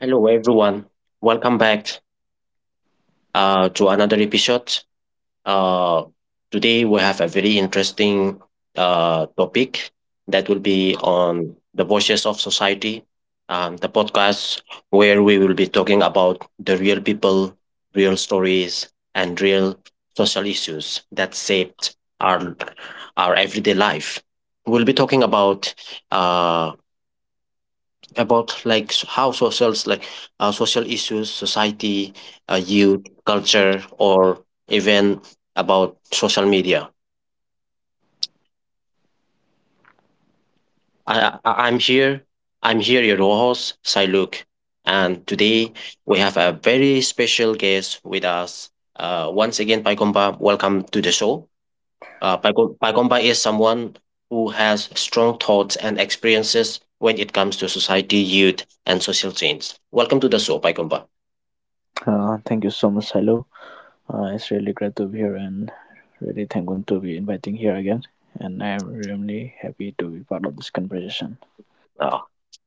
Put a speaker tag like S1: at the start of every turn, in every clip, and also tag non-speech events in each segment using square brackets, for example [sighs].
S1: Hello, everyone. Welcome back to another episode. Uh, today, we have a very interesting topic that will be on the voices of society, the podcast where we will be talking about the real people, real stories, and real social issues that shaped our everyday life. We'll be talking about uh, how socials like social issues, society, youth culture, or even about social media. I, I i'm here I'm here, your host Siluk, and today we have a very special guest with us. Once again, Paikomba, welcome to the show. Paikomba is someone who has strong thoughts and experiences when it comes to society, youth and social change. Welcome to the show, Paikomba.
S2: Thank you so much, Silo. It's really great to be here and really thankful to be inviting here again. And I'm really happy to be part of this conversation.
S1: Oh,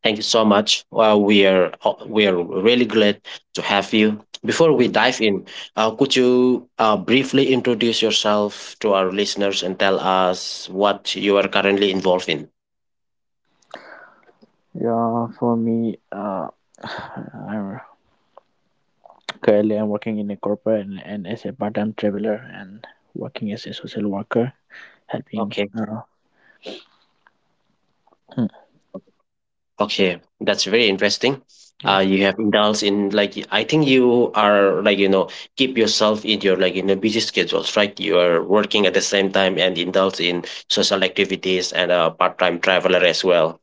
S1: thank you so much. Well, we are really glad to have you. Before we dive in, could you briefly introduce yourself to our listeners and tell us what you are currently involved in?
S2: Yeah, for me, [sighs] I'm currently I'm working in a corporate and as a part-time traveler and working as a social worker, helping.
S1: Okay,
S2: Hmm,
S1: okay, that's very interesting. Uh,
S2: yes,
S1: you have indulged in, like, I think you are, like you know, keep yourself in your, like you know, busy schedules, right? You are working at the same time and indulge in social activities and a part time traveler as well.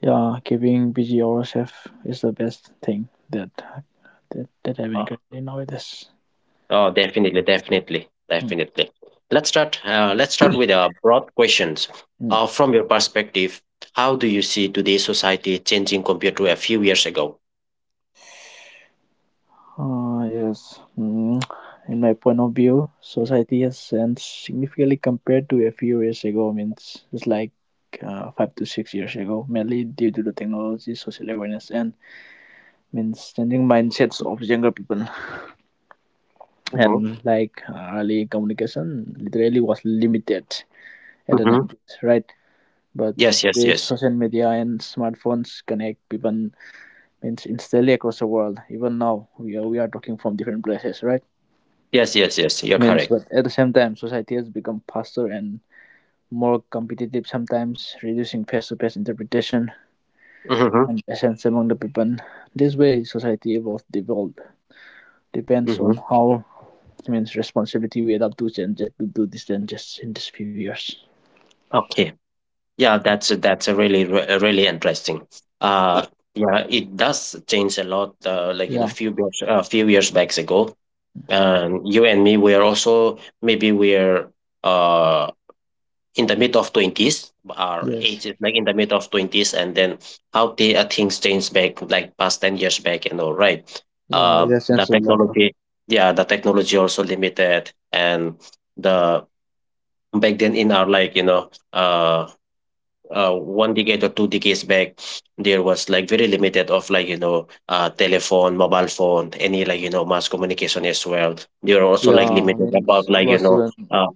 S2: yeah, keeping busy ourselves is the best thing that I've been currently nowadays.
S1: Oh, definitely, definitely,
S2: Hmm.
S1: definitely. Let's start. Let's start with broad questions.
S2: Hmm.
S1: From your perspective, how do you see today's society changing compared to a few years ago?
S2: Yes, in my point of view, society has changed significantly compared to a few years ago. I mean, it's like 5 to 6 years ago, mainly due to the technology, social awareness, and means changing mindsets of younger people.
S1: Mm-hmm.
S2: And like early communication, literally was limited at the
S1: Mm-hmm.
S2: nineties, right? But
S1: Yes, yes,
S2: the
S1: yes,
S2: social media and smartphones connect people means instantly across the world. Even now, we are talking from different places, right?
S1: yes, yes, yes. You're
S2: Means
S1: correct.
S2: but at the same time, society has become faster and more competitive, sometimes reducing face-to-face interpretation
S1: Mm-hmm.
S2: and essence among the people. This way society evolved devolved depends on
S1: Mm-hmm.
S2: how it means responsibility we adapt to changes to do these changes in these few years.
S1: Okay. Yeah, that's a really interesting. Uh, yeah, it does change a lot. Like in
S2: Yeah.
S1: a few years, back ago, and you and me, we are also, maybe we're uh in the mid of 20s or
S2: Yes.
S1: 80s, like in the mid of 20s, and then how the things changed back like past 10 years back and all, right?
S2: Yeah, it has
S1: The
S2: changed a lot, huh?
S1: technology, yeah, the technology also limited, and the back then in our, like you know, one decade or two decades back, there was, like, very limited of, like you know, telephone, mobile phone, any, like you know, mass communication as well. There are also, like,
S2: Yeah, I
S1: limited
S2: mean
S1: about,
S2: it
S1: like you
S2: was
S1: know,
S2: even
S1: uh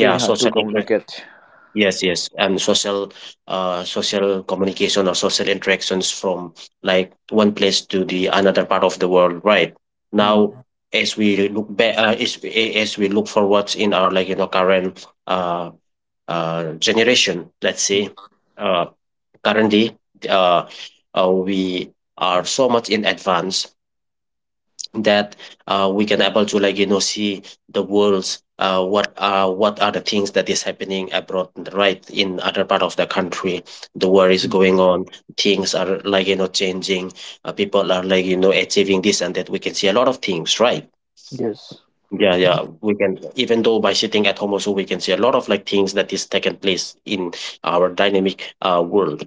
S2: very hard to
S1: social interaction.
S2: communicate.
S1: Yes, yes, and social, social communication or social interactions from, like, one place to the another part of the world. Right now,
S2: Mm.
S1: as we look back, as we look forward in our, like you know, current uh, generation, let's
S2: Mm.
S1: say, uh, currently, uh, we are so much in advance that we can able to, like you know, see the world's what are the things that is happening abroad, right, in other part of the country. The war is
S2: Mm.
S1: going on, things are, like you know, changing, people are, like you know, achieving this and that, we can see a lot of things, right?
S2: Yes.
S1: Yeah, yeah, we can, even though by sitting at home also we can see a lot of, like, things that is taking place in our dynamic world.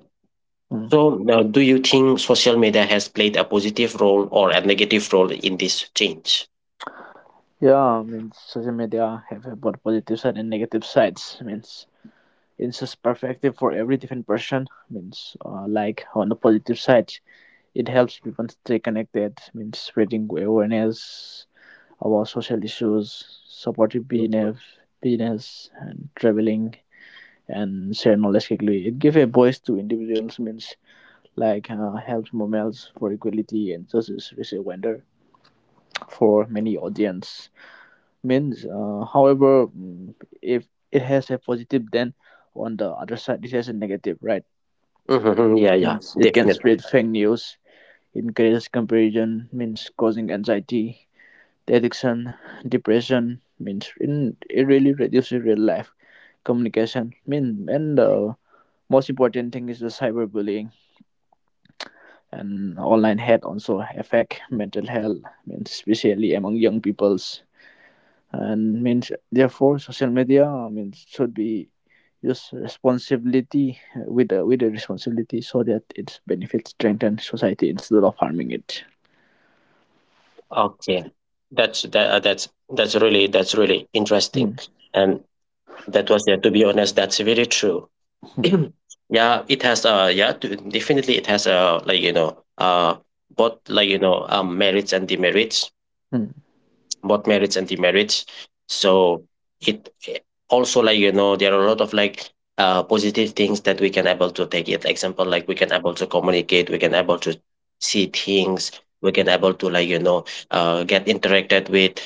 S2: Mm.
S1: So now, do you think social media has played a positive role or a negative role in this change?
S2: Yeah, I mean social media have both positive side and negative sides, means it's just perfective for every different person. Means like on the positive side, it helps people stay connected, means spreading awareness about social issues, supportive business, and traveling, and share knowledge quickly. It gives a voice to individuals, means like helps movements for equality and justice, is a wonder for many audience. Means however, if it has a positive, then on the other side it has a negative, right?
S1: Hmm. Yeah, yeah,
S2: Means it can
S1: definitely.
S2: spread fake news, encourage comparison, means causing anxiety, addiction, depression, means it really reduces real life communication. Mean and the most important thing is the cyberbullying and online hate also affect mental health, means especially among young peoples. And means therefore social media, I mean, should be used responsibility with a responsibility, so that its benefits strengthen society instead of harming it.
S1: Okay, that's that, that's really, that's really interesting,
S2: Mm.
S1: and that was, yeah. To be honest, that's very true. [clears throat]
S2: Mm.
S1: Yeah, it has definitely it has like you know both, like you know, merits and demerits.
S2: Mm.
S1: Both marriage and demarriage. So it also, like you know, there are a lot of like positive things that we can able to take it, example, like we can able to communicate, we can able to see things, we can able to, like you know, get interacted with,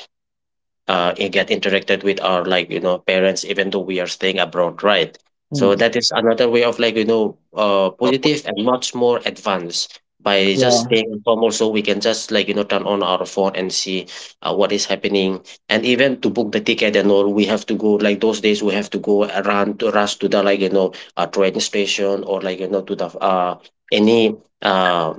S1: and get interacted with our, like you know, parents even though we are staying abroad, right?
S2: Mm.
S1: So that is another way of, like you know, positive and much more advanced. By just
S2: Yeah,
S1: staying at home also, we can just, like you know, turn on our phone and see what is happening. And even to book the ticket and all, we have to go, like those days we have to go around to rush to the, like you know, train station, or, like you know, to the any uh,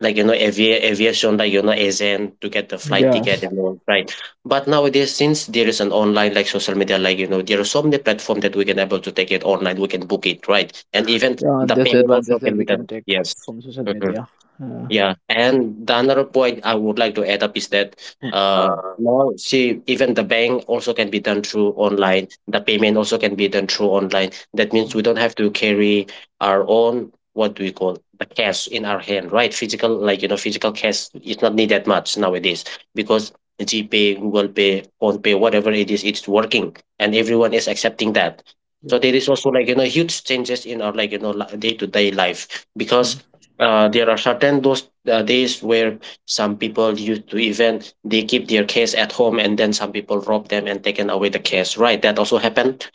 S1: like you know aviation, like you know, agent to get the flight
S2: yeah,
S1: ticket and all, right? But nowadays, since there is an online, like social media, like you know, there are so many platforms that we can able to take it online, we can book it, right? And even
S2: yeah.
S1: the
S2: There's
S1: payment also
S2: advantage
S1: can
S2: that
S1: be
S2: we can
S1: done,
S2: take
S1: yes.
S2: from social
S1: Mhm.
S2: media. Uh,
S1: Yeah, and the another point I would like to add up is that
S2: mm.
S1: uh now, see, even the bank also can be done through online. The payment also can be done through online. That means we don't have to carry our own, what do we call, the cash in our hand, right? Physical, like you know, physical cash is not need that much nowadays because GPay, Google Pay, PhonePay, whatever it is, it's working and everyone is accepting that. So there
S2: Yes.
S1: is also, like you know, huge changes in our, like you know, day to day life
S2: Mm.
S1: because there are certain those days where some people used to, even, they keep their case at home and then some people rob them and taken away the case, right? That also happened.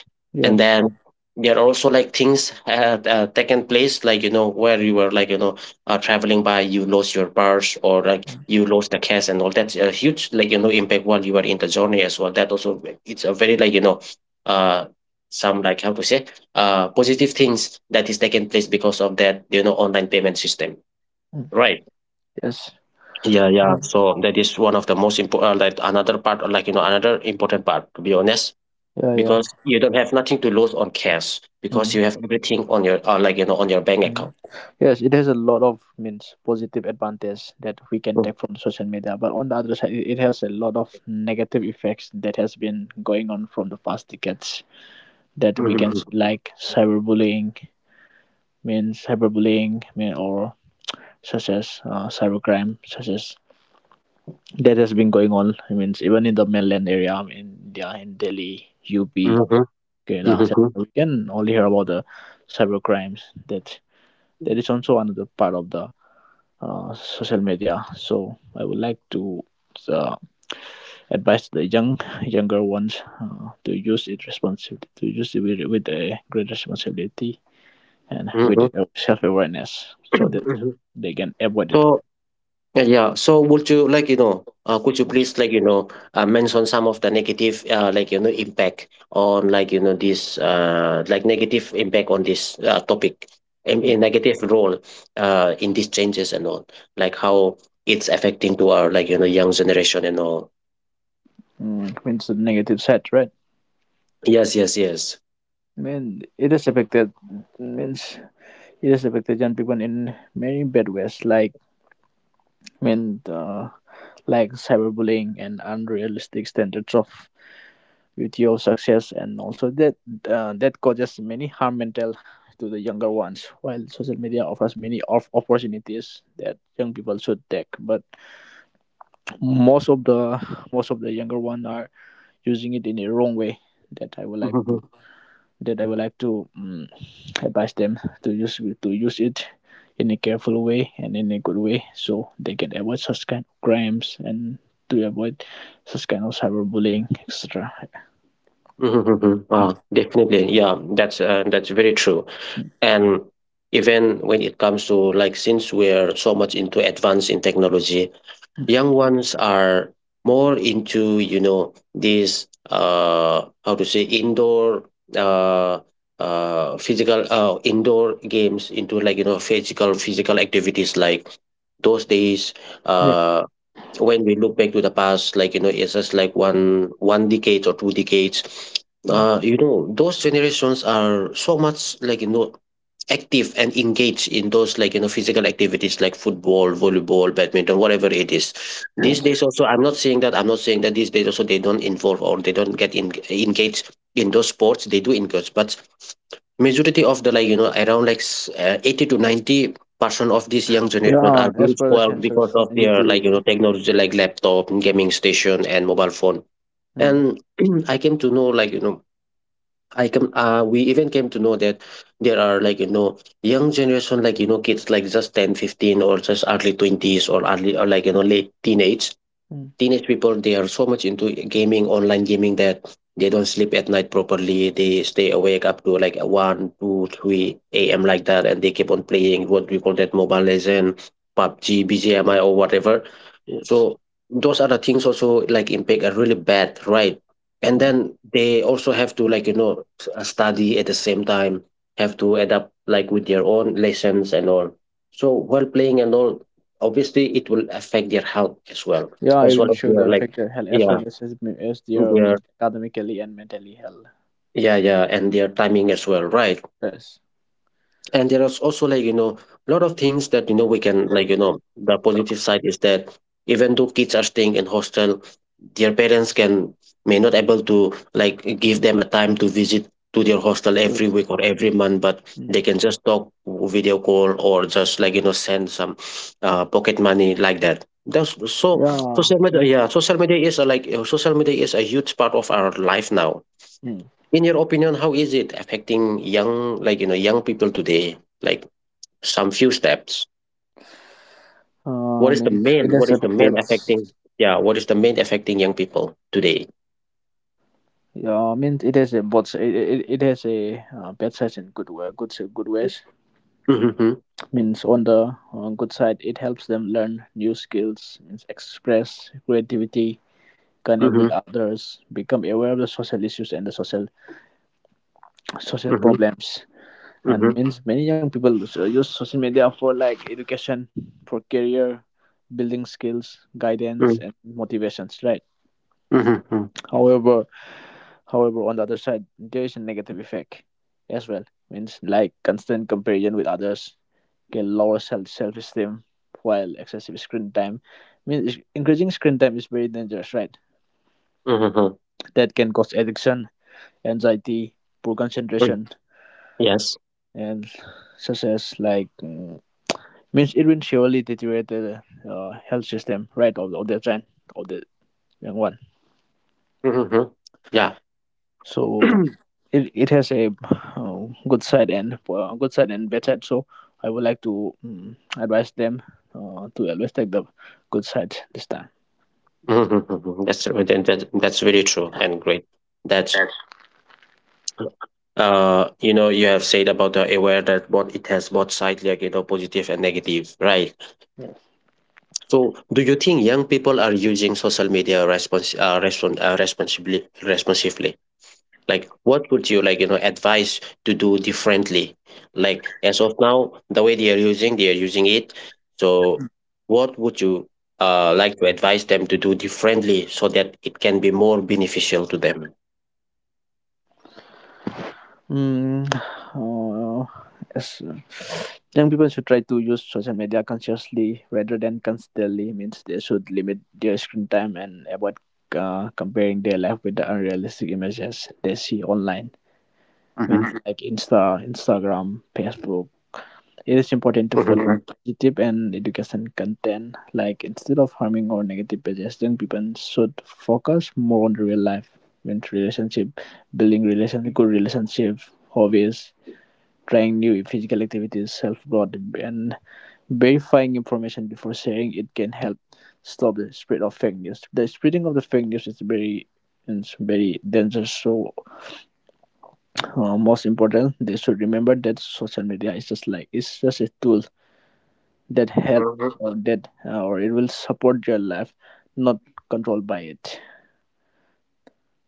S1: And
S2: Yes.
S1: then there are also, like, things had taken place, like you know, where you were, like you know, traveling by, you lost your purse or, like, you lost the cash and all, that's a huge, like you know, impact while you were in the journey as well. That also, it's a very, like you know, uh some, like, how to say, positive things that is taking place because of that, you know, online payment system,
S2: Mm.
S1: right?
S2: Yes.
S1: Yeah, yeah,
S2: Mm.
S1: so that is one of the most important, like, another part, or, like you know, another important part, to be honest.
S2: Yeah, yeah.
S1: Because you don't have nothing to lose on cash because
S2: Mm.
S1: you have everything on your like you know on your bank
S2: Mm.
S1: account.
S2: Yes, it has a lot of means positive advantage that we can
S1: Mm-hmm.
S2: take from social media, but on the other side, it has a lot of negative effects that has been going on from the past decades that we can see,
S1: Mm-hmm.
S2: like cyberbullying, means cyberbullying, mean, or such as cybercrime, such as that has been going on. I mean, even in the mainland area, I mean, India, in Delhi, UP, Kerala,
S1: Mm-hmm.
S2: etc. We can only hear about the cybercrimes that that is also another part of the social media. So I would like to uh, advise the younger ones to use it responsibly, to use it with a great responsibility and with
S1: Mhm.
S2: self awareness, so that
S1: [clears throat] Mhm.
S2: they can avoid
S1: So,
S2: it.
S1: yeah, yeah. So would you, like, you know, could you please, like, you know, mention some of the negative like, you know, impact on, like, you know, this like, negative impact on this topic, and
S2: Mm.
S1: a negative role in these changes and all, like how it's affecting to our, like, you know, young generation and all.
S2: Mm. Means the negative side, right?
S1: Yes, yes, yes.
S2: I mean, it has affected, means it has affected young people in many bad ways, like I mean, like cyberbullying and unrealistic standards of with your success, and also that that causes many harm mental to the younger ones. While social media offers many of opportunities that young people should take, but most of the most of the younger ones are using it in a wrong way. That I would like
S1: Mm-hmm.
S2: to, that i would like to um, advise them to use, it in a careful way and in a good way, so they can avoid such kind of crimes and to avoid such kind of cyberbullying, etc.
S1: Mm-hmm. Definitely. Yeah, that's very true. And even when it comes to, like, since we're so much into advance in technology, young ones are more into, you know, this how to say indoor, uh physical, indoor games, into, like you know, physical activities, like those days
S2: Yes.
S1: uh when we look back to the past, like, you know, it's just like one decade or two decades. You know, those generations are so much, like, you know, active and engaged in those, like you know, physical activities like football, volleyball, badminton, whatever it is. These days also, I'm not saying that these days also they don't involve or they don't engaged in those sports, they do engage. But majority of the, like you know, around like 80 to 90% of this young
S2: Yeah,
S1: generation are
S2: as
S1: being
S2: per the
S1: spoiled because
S2: census,
S1: of their, like
S2: 92.
S1: you know, technology like laptop, gaming station and mobile phone.
S2: Mm.
S1: And [clears throat] I came to know, like you know, I came we even came to know that there are, like you know, young generation, like you know, kids like just 10, 15 or just early 20s, or early, or, like you know, late
S2: Mm.
S1: teenage people, they are so much into gaming, online gaming, that they don't sleep at night properly, they stay awake up to like one, 2, 3 a.m. like that, and they keep on playing what we call that mobile legend, pubg, bgmi, or whatever.
S2: Yes.
S1: So those are the things also, like, impact are really bad, right? And
S2: Mm.
S1: then they also have to, like you know, study at the same time, have to adapt like with their own lessons and all. So while playing and all, obviously it will affect their health as well,
S2: Yeah,
S1: as
S2: even
S1: well as
S2: show the
S1: their like,
S2: affected health as
S1: yeah,
S2: well as, as their men-
S1: their,
S2: academically and mentally health.
S1: yeah, yeah, and their timing as well, right?
S2: Yes.
S1: And there is also like you know a lot of things that you know we can like you know. The positive side is that even though kids are staying in hostel, their parents can may not able to like give them a time to visit to their hostel every
S2: Yes.
S1: week or every month, but they
S2: Mm.
S1: can just talk, video call, or just like you know send some pocket money like that, that's so.
S2: Yeah.
S1: Social media, yeah,
S2: Mm.
S1: social media is a, like social media is a huge part of our life now.
S2: Mm.
S1: In your opinion, how is it affecting young, like you know, young people today, like some few steps. What is the
S2: Means it
S1: main? What
S2: has
S1: is the
S2: affected.
S1: main affecting? Yeah, what is the main affecting young people today?
S2: Yeah, means it has a both. It has a bad sides and good way, good ways.
S1: Mm-hmm.
S2: Means on the good side, it helps them learn new skills. Means express creativity, connect with
S1: Mm-hmm.
S2: others, become aware of the social issues and the social
S1: Mm-hmm.
S2: problems. And
S1: Mm-hmm.
S2: means many young people so- use social media for like education, for career, building skills, guidance, and motivations. Right.
S1: Mm-hmm.
S2: However, on the other side, there is a negative effect as well. Means like constant comparison with others can lower self esteem, while excessive screen time, means increasing screen time, is very dangerous. Right.
S1: Mm-hmm.
S2: That can cause addiction, anxiety, poor concentration,
S1: Yes.
S2: and such as like means it will surely deteriorate the health system, right, of the gen, of the young one.
S1: Mm-hmm. Yeah.
S2: So
S1: [clears throat]
S2: it has a good side and bad side. So I would like to advise them to always take the good side this time.
S1: Mhm. That's that, that's very true and great. That's you know, you have said about the aware that what it has both side, like you know, positive and negative, right? So do you think young people are using social media responsibly, responsively? Like what would you like you know advise to do differently, like as of now the way they are using, they are using it? So what would you like to advise them to do differently so that it can be more beneficial to them?
S2: Mm, [sighs] uh, yes. Young people should try to use social media consciously rather than constantly. Means they should limit their screen time and avoid comparing their life with the unrealistic images they see online. Means like Insta, Instagram, Facebook. It is important to follow positive and education content. Like instead of harming or negative pages, young people should focus more on the real life, means relationship, building relationship, good relationship, hobbies, trying new physical activities, self-growth, and verifying information before sharing it can help stop the spread of fake news. The spreading of the fake news is very, dangerous. So, most important, they should remember that social media is just like, it's just a tool that help or that or it will support your life, not controlled by it.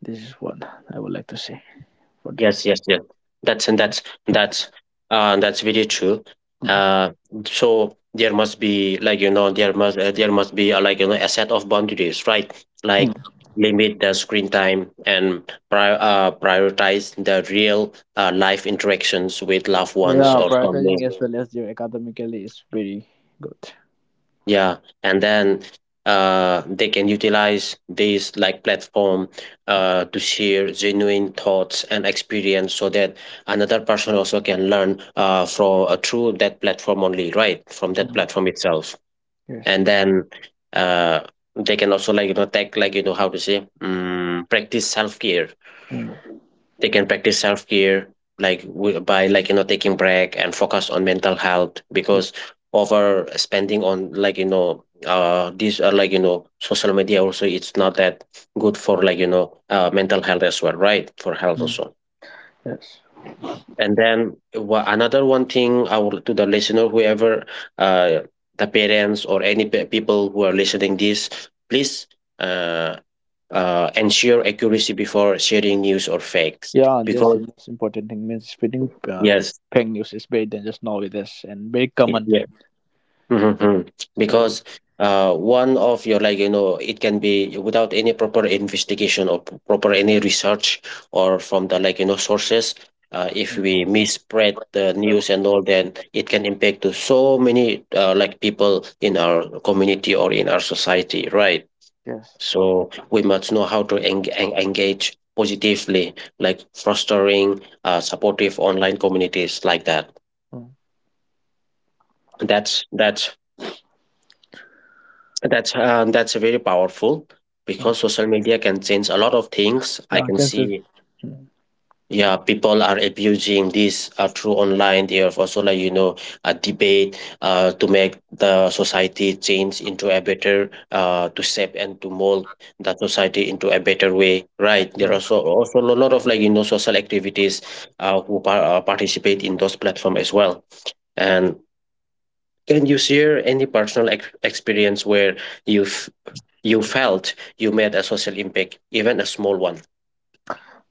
S2: This is what I would like to say for that.
S1: Yes, yes, yes. That's, and that's, that's very true. Uh, so there must be like you know there must be like you know a set of boundaries, right?
S2: Hmm.
S1: Like limit the screen time and prioritize the real life interactions with loved ones
S2: Yeah,
S1: or family.
S2: prioritizing as well as your academically is very good.
S1: Yeah, and then they can utilize these like platform to share genuine thoughts and experience, so that another person also can learn from through that platform only, right? From that
S2: Mm.
S1: platform itself.
S2: Yes.
S1: And then uh, they can also like you know take like you know how to say practice self care.
S2: Hmm.
S1: They can practice self-care like by like you know taking break and focus on mental health,
S2: Y-.
S1: because over spending on like you know this like you know social media also, it's not that good for like you know mental health as well, right? For health
S2: Mm.
S1: also.
S2: Yes.
S1: And then another one thing, I will to the listener, whoever uh the parents or any people who are listening this, please uh ensure accuracy before sharing news or facts.
S2: Yeah, and that's the
S1: Because
S2: most important thing. Means spreading
S1: yes.
S2: fake news is very dangerous nowadays and very common.
S1: Yeah. Mhm.
S2: So
S1: Because one of your like you know, it can be without any proper investigation or proper any research, or from the like you know sources. If we misspread the news and all, then it can impact to so many like people in our community or in our society, right?
S2: yes.
S1: So we must know how to engage positively, like fostering supportive online communities like that.
S2: Mm.
S1: That's that's That's that's very powerful,
S2: Yeah.
S1: because social media can change a lot of things, I
S2: Yeah, I
S1: can
S2: can say.
S1: see.
S2: Mm.
S1: Yeah, people are abusing this through online. They are also like you know a debate to make the society change into a better to shape and to mold the society into a better way, right? There are
S2: Yes.
S1: also also a lot of like you know social activities participate in those platforms as well. And can you share any personal experience where you've, you felt you made a social impact, even a small one.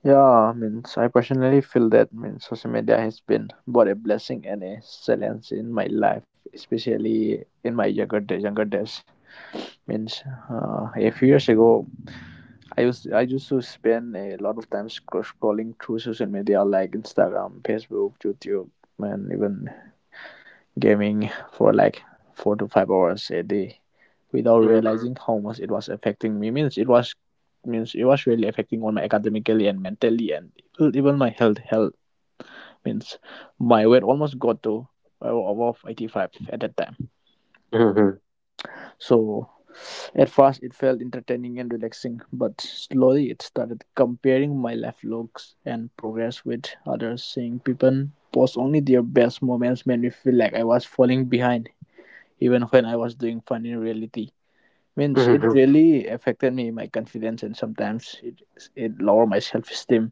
S2: Yeah, means I personally feel that means social media has been both a blessing and a challenge in my life, especially in my younger days. Younger days, means a few years ago, I used to spend a lot of time scrolling through social media like Instagram, Facebook, YouTube, and even gaming for like 4 to 5 hours a day, without
S1: Mm.
S2: realizing how much it was affecting me. Means it was, really affecting on my academically and mentally, and even my health. Health, means my weight almost got to above 85 at that time.
S1: Mhm.
S2: So at first it felt entertaining and relaxing, but slowly it started comparing my life logs and progress with others. Seeing people post only their best moments made me feel like I was falling behind, even when I was doing fine in reality. Means it
S1: Mhm.
S2: really affected me, my confidence, and sometimes it it lowered my self esteem,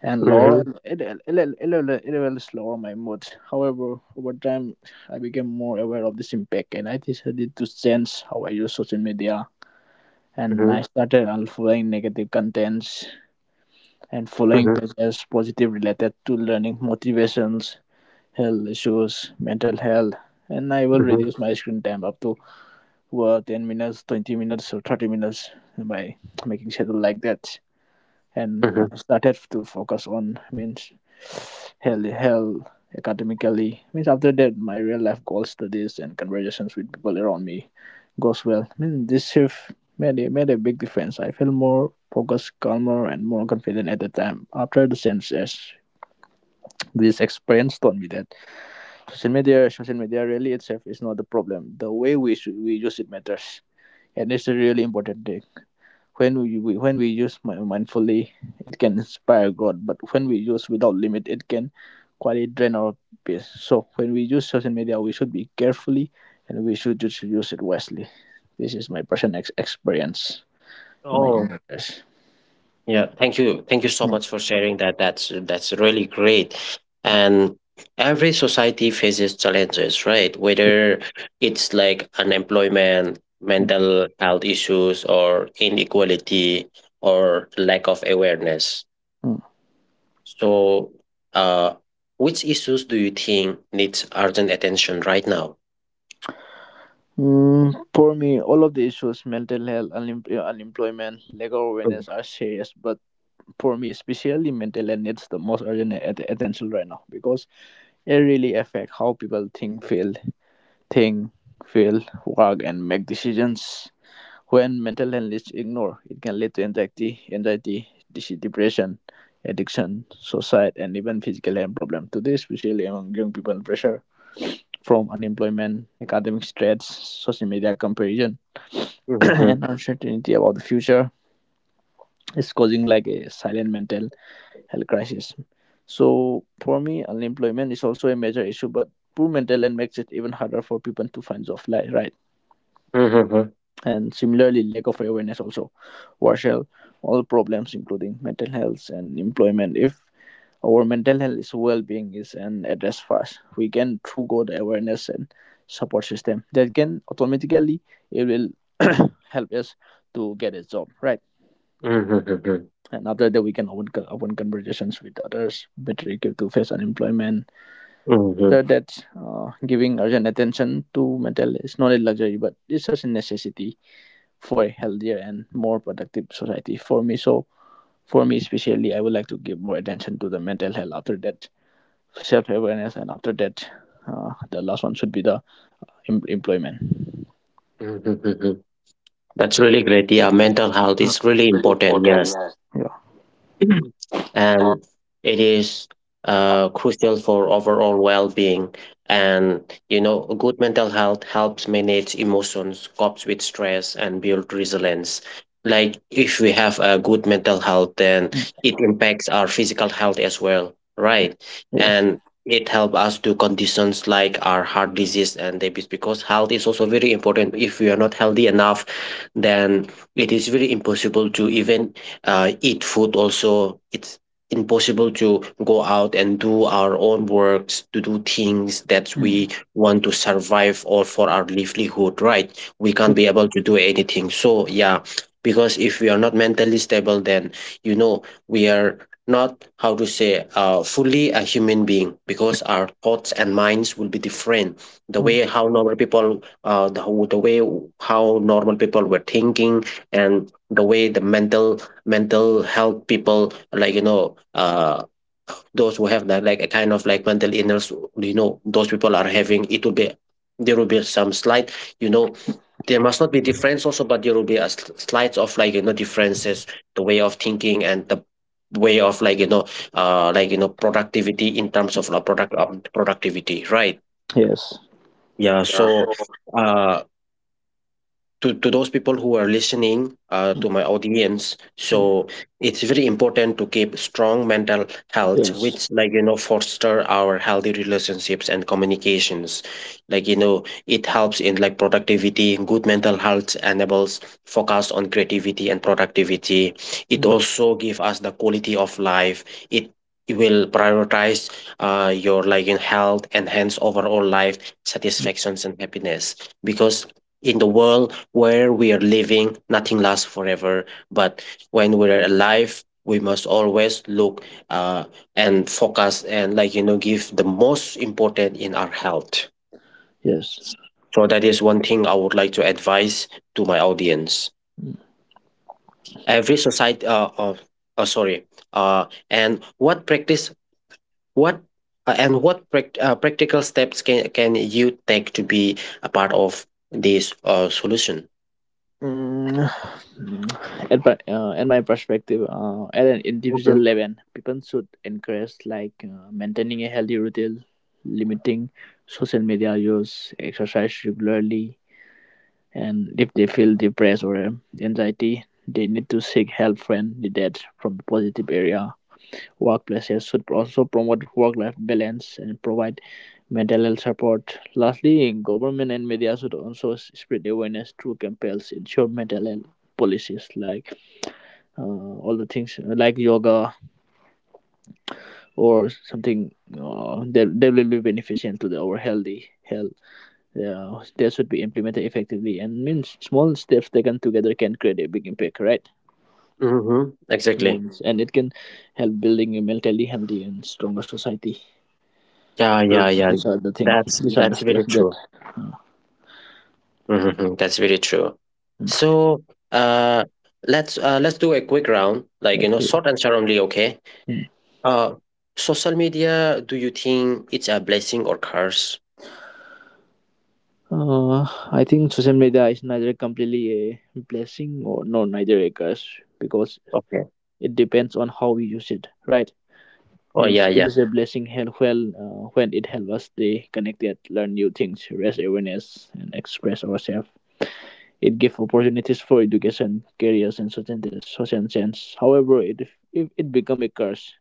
S2: and lower
S1: Mhm.
S2: it will lower my mood. However, over time, I became more aware of this impact, and I decided to change how I use social media, and I
S1: Mhm.
S2: started unfollowing negative contents and following
S1: Mhm.
S2: pages positive related to learning motivations, health issues, mental health. And I will
S1: Mhm.
S2: reduce my screen time up to 10 minutes, 20 minutes, or 30 minutes by making schedule like that. And
S1: Mhm.
S2: I started to focus on means hell academically, means after that my real life goals, studies, and conversations with people around me goes well. I mean, this shift made a, big difference. I feel more focused, calmer, and more confident at the time after the census. This experience taught me that social media really itself is not the problem, the way we should, we use it matters, and it's a really important thing. When when we use mindfully, it can inspire god, but when we use without limit, it can quite drain our peace. So when we use social media, we should be carefully, and we should just use it wisely. This is my personal experience in my
S1: Oh,
S2: younger years.
S1: yeah. Thank you. Thank you so much for
S2: Mm.
S1: sharing that. That's really great. And every society faces challenges, right? Whether it's like unemployment,
S2: Mm.
S1: mental health issues, or inequality, or lack of awareness.
S2: Mm.
S1: So, uh, which issues do you think needs urgent attention right now?
S2: For me, all of the issues, mental health, unemployment, lack of
S1: Mhm.
S2: awareness are serious, but for me, especially mental health needs the most urgent attention right now, because it really affects how people think, feel, think, work, and make decisions. When mental health is ignored, it can lead to anxiety, depression, addiction, suicide, and even physical health problems. Today, especially among young people, pressure from unemployment, academic stress, social media comparison, [clears throat]
S1: Mhm.
S2: and uncertainty about the future is causing like a silent mental health crisis. So, for me, unemployment is also a major issue, but poor mental health makes it even harder for people to find jobs, like, right?
S1: Mhm. Mhm.
S2: And similarly, lack of awareness also worsen all problems including mental health and employment. If our mental health is well-being is an address first, we can through god awareness and support system that can automatically it will [coughs] [clears throat] help us to get a job, right?
S1: Mhm.
S2: And after that we can open, open conversations with others better equipped to face unemployment.
S1: Mhm.
S2: After that, giving urgent attention to mental is not a luxury but it's such a necessity for a healthier and more productive society, for me. So for me especially, I would like to give more attention to the mental health, after that self-awareness, and after that the last one should be the employment.
S1: Mhm. Mhm. That's really great. Yeah, mental health
S2: Mm.
S1: is really
S2: Really
S1: important.
S2: important,
S1: Yes.
S2: yes, yeah.
S1: Mhm.
S2: Uh,
S1: And it is crucial for overall well-being, and you know good mental health helps manage emotions, copes with stress, and build resilience. Like if we have a good mental health, then
S2: Mm.
S1: it impacts our physical health as well, right?
S2: Yes.
S1: And it helps us to conditions like our heart disease and diabetes, because health is also very important. If we are not healthy enough, then it is very impossible to even eat food also. It's impossible to go out and do our own works, to do things that
S2: Mm.
S1: we want, to survive or for our livelihood, right? We can't be able to do anything, so yeah. Because if we are not mentally stable, then you know we are not how to say fully a human being, because our thoughts and minds will be different the
S2: Mm.
S1: way how normal people the way how normal people were thinking, and the way the mental health people like you know those who have that like a kind of like mental illness, you know those people are having, it will be, there will be some slight, you know, there must not be difference also but there will be a slight of like you know differences. The way of thinking and the way of like you know productivity, in terms of productivity, right?
S2: Yes,
S1: Yeah.
S2: yeah,
S1: So
S2: so
S1: uh to those people who are listening to my audience,
S2: Mm.
S1: so it's very important to keep strong mental health,
S2: Yes.
S1: which like you know foster our healthy relationships and communications, like you know. It helps in like productivity. Good mental health enables focus on creativity and productivity. It
S2: Mm.
S1: also gives us the quality of life. it it will prioritize your like in health, enhance overall life satisfactions and happiness. Because in the world where we are living, nothing lasts forever. But when we're alive, we must always look uh, and focus and, like, you know, give the most important in our health.
S2: Yes.
S1: So that is one thing I would like to advise to my audience.
S2: Hmm.
S1: Every society, sorry, and what practice, what and what prac- practical steps can you take to be a part of this solution?
S2: Mm, [sighs] at my perspective, at an individual
S1: Mm-hmm.
S2: level, people should encourage like maintaining a healthy routine, limiting social media use, exercise regularly, and if they feel depressed or anxiety, they need to seek help when needed from the positive area. Workplaces should also promote work-life balance and provide mental health support. Lastly, government and media should also spread awareness through campaigns, ensure mental health policies like all the things like yoga or something that will be beneficial to the, our healthy health. Yeah, that should be implemented effectively, and means small steps taken together can create a big impact, right?
S1: Mm-hmm. Exactly.
S2: Means, and it can help building a mentally healthy and stronger society.
S1: Yeah,
S2: So
S1: yeah, yeah.
S2: these are the thing.
S1: That's
S2: These are the
S1: that's
S2: steps
S1: very
S2: that.
S1: true. Hmm. That's very true. So, uh, let's let's do a quick round, like you know,
S2: Okay.
S1: short answer only. Okay. Uh, social media. Do you think it's a blessing or curse?
S2: Uh, I think social media is neither completely a blessing or no, neither a curse, because
S1: Okay.
S2: it depends on how we use it, right?
S1: Oh
S2: Means
S1: yeah,
S2: it
S1: yeah.
S2: is a blessing well when it helps us stay connected, learn new things, raise awareness, and express ourselves. It gives opportunities for education, careers, and certain social sense. However, it if it become a curse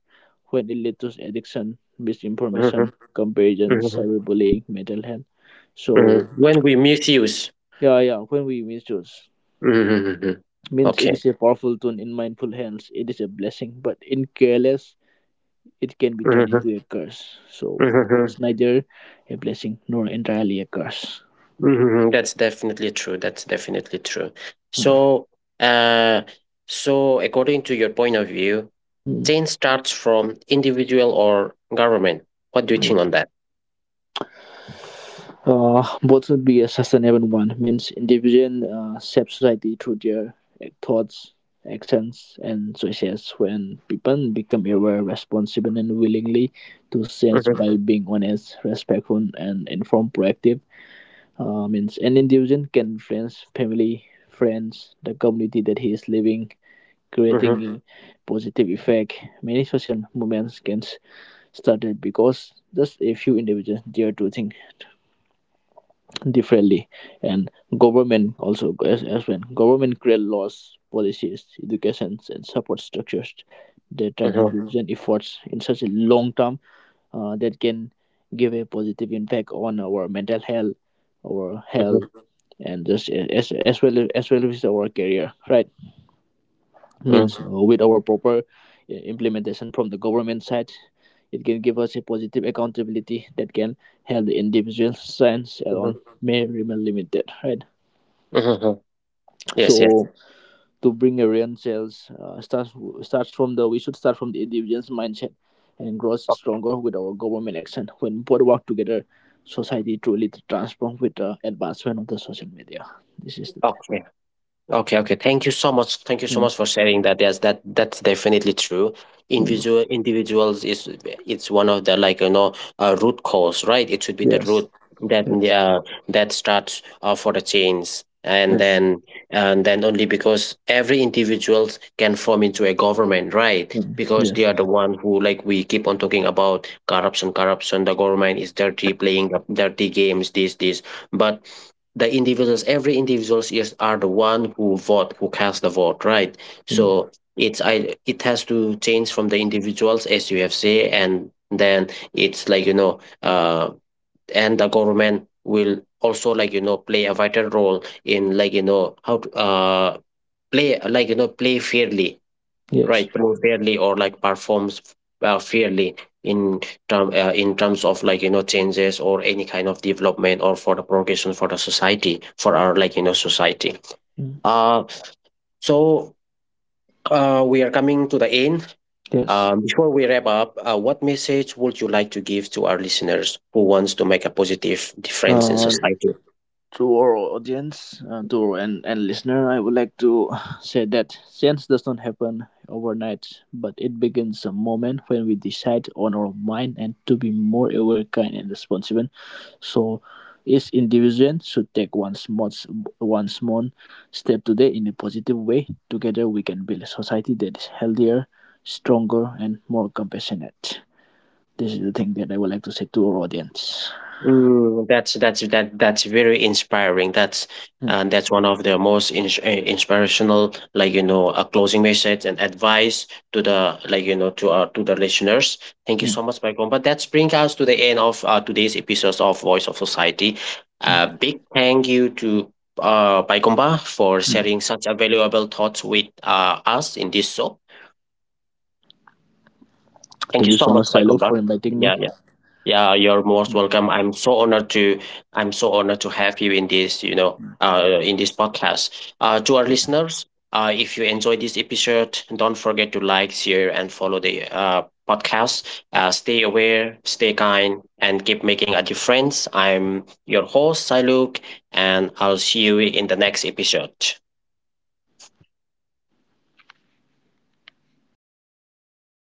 S2: when it leads to addiction,
S1: Hmm.
S2: misinformation, comparison,
S1: Hmm.
S2: cyberbullying, mental health. So
S1: When we misuse.
S2: yeah, yeah. When we misuse,
S1: Hmm.
S2: means it
S1: Okay.
S2: is a powerful tool. In mindful hands it is a blessing, but in careless it can be turned into a curse. So it is
S1: Hmm.
S2: neither a blessing nor entirely a curse.
S1: Mhm. That's definitely true. That's definitely true. So, uh, so according to your point of view,
S2: Mm.
S1: change starts from individual or government. What do you think on that?
S2: Both should be a sustainable one. Means individual shape society through their thoughts, actions, and choices. When people become aware, responsible, and willingly to sense
S1: Mhm.
S2: by being honest, respectful, and informed, proactive. Means an individual can influence family, friends, the community that he is living, creating
S1: Mhm.
S2: a positive effect. Many social movements can started because just a few individuals dare to think differently, and government also as well. Government create laws, policies, educations, and support structures that turn
S1: Mhm.
S2: individual efforts in such a long term, that can give a positive impact on our mental health, our health,
S1: Mhm.
S2: and just as well as our career. Right?
S1: Mhm.
S2: Means with our proper implementation from the government side, it can give us a positive accountability that can help the individual science alone
S1: Mhm.
S2: may remain limited. Right?
S1: Mhm. Mhm. Yes, yes.
S2: So to bring a real sales, starts starts from the we should start from the individual's mindset and grows stronger with our government action. When both work together, society truly transforms with the advancement of the social media. This is the
S1: Okay. Okay, okay. Thank you so much. Thank you so
S2: thing.
S1: much for sharing that. Yes, that, that's definitely true.
S2: Mm, mm.
S1: Individuals is, it's one of the like you know root cause, right? It should be the
S2: Yes.
S1: root that
S2: Yes.
S1: that starts for the change. And
S2: Yes.
S1: then, and then only, because every individuals can form into a government, right?
S2: Mm,
S1: Because they
S2: yes.
S1: are the one who, like, we keep on talking about corruption, corruption. The government is dirty, playing the dirty games, this this. But the individuals, every individuals is, are the one who vote, who cast the vote, right?
S2: Mm,
S1: So it's, I it has to change from the individuals, as you have said. And then it's like you know and the government will also like you know play a vital role in like you know how to, play like you know, play fairly,
S2: yes.
S1: right? Play fairly, or like performs fairly in term in terms of like you know changes or any kind of development or for the progression for the society, for our like you know society.
S2: Mm,
S1: uh so we are coming to the end.
S2: yes.
S1: Before we wrap up, what message would you like to give to our listeners who wants to make a positive difference in
S2: Uh,
S1: society?
S2: to our audience, and listener, I would like to say that change does not happen overnight, but it begins a moment when we decide on our mind and to be more aware, kind, and responsible. So, each individual should take one small, one small step today in a positive way. Together, we can build a society that is healthier, stronger, and more compassionate. This is the thing that I would like to say to our audience.
S1: Mm, that's, that, that's very inspiring. That's,
S2: Mm,
S1: and that's one of the most inspirational, like you know, a closing message and advice to the like you know to the listeners. Thank you
S2: mm,
S1: so much, Michael. But that's bring us to the end of today's episode of Voice of Society.
S2: mm,
S1: A big thank you to Baikomba for
S2: mm.
S1: sharing such a valuable thoughts with us in this show. Thank
S2: Thank
S1: you
S2: you
S1: so
S2: so
S1: much,
S2: much, Silo, for
S1: Baikomba.
S2: inviting
S1: Yeah,
S2: me.
S1: yeah. Yeah, you're most
S2: Yeah.
S1: welcome. I'm so honored to, I'm so honored to have you in this, you know, in this podcast. To our listeners, if you enjoyed this episode, don't forget to like, share, and follow the podcast. Stay aware, stay kind, and keep making a difference. I'm your host, Siluk, and I'll see you in the next episode.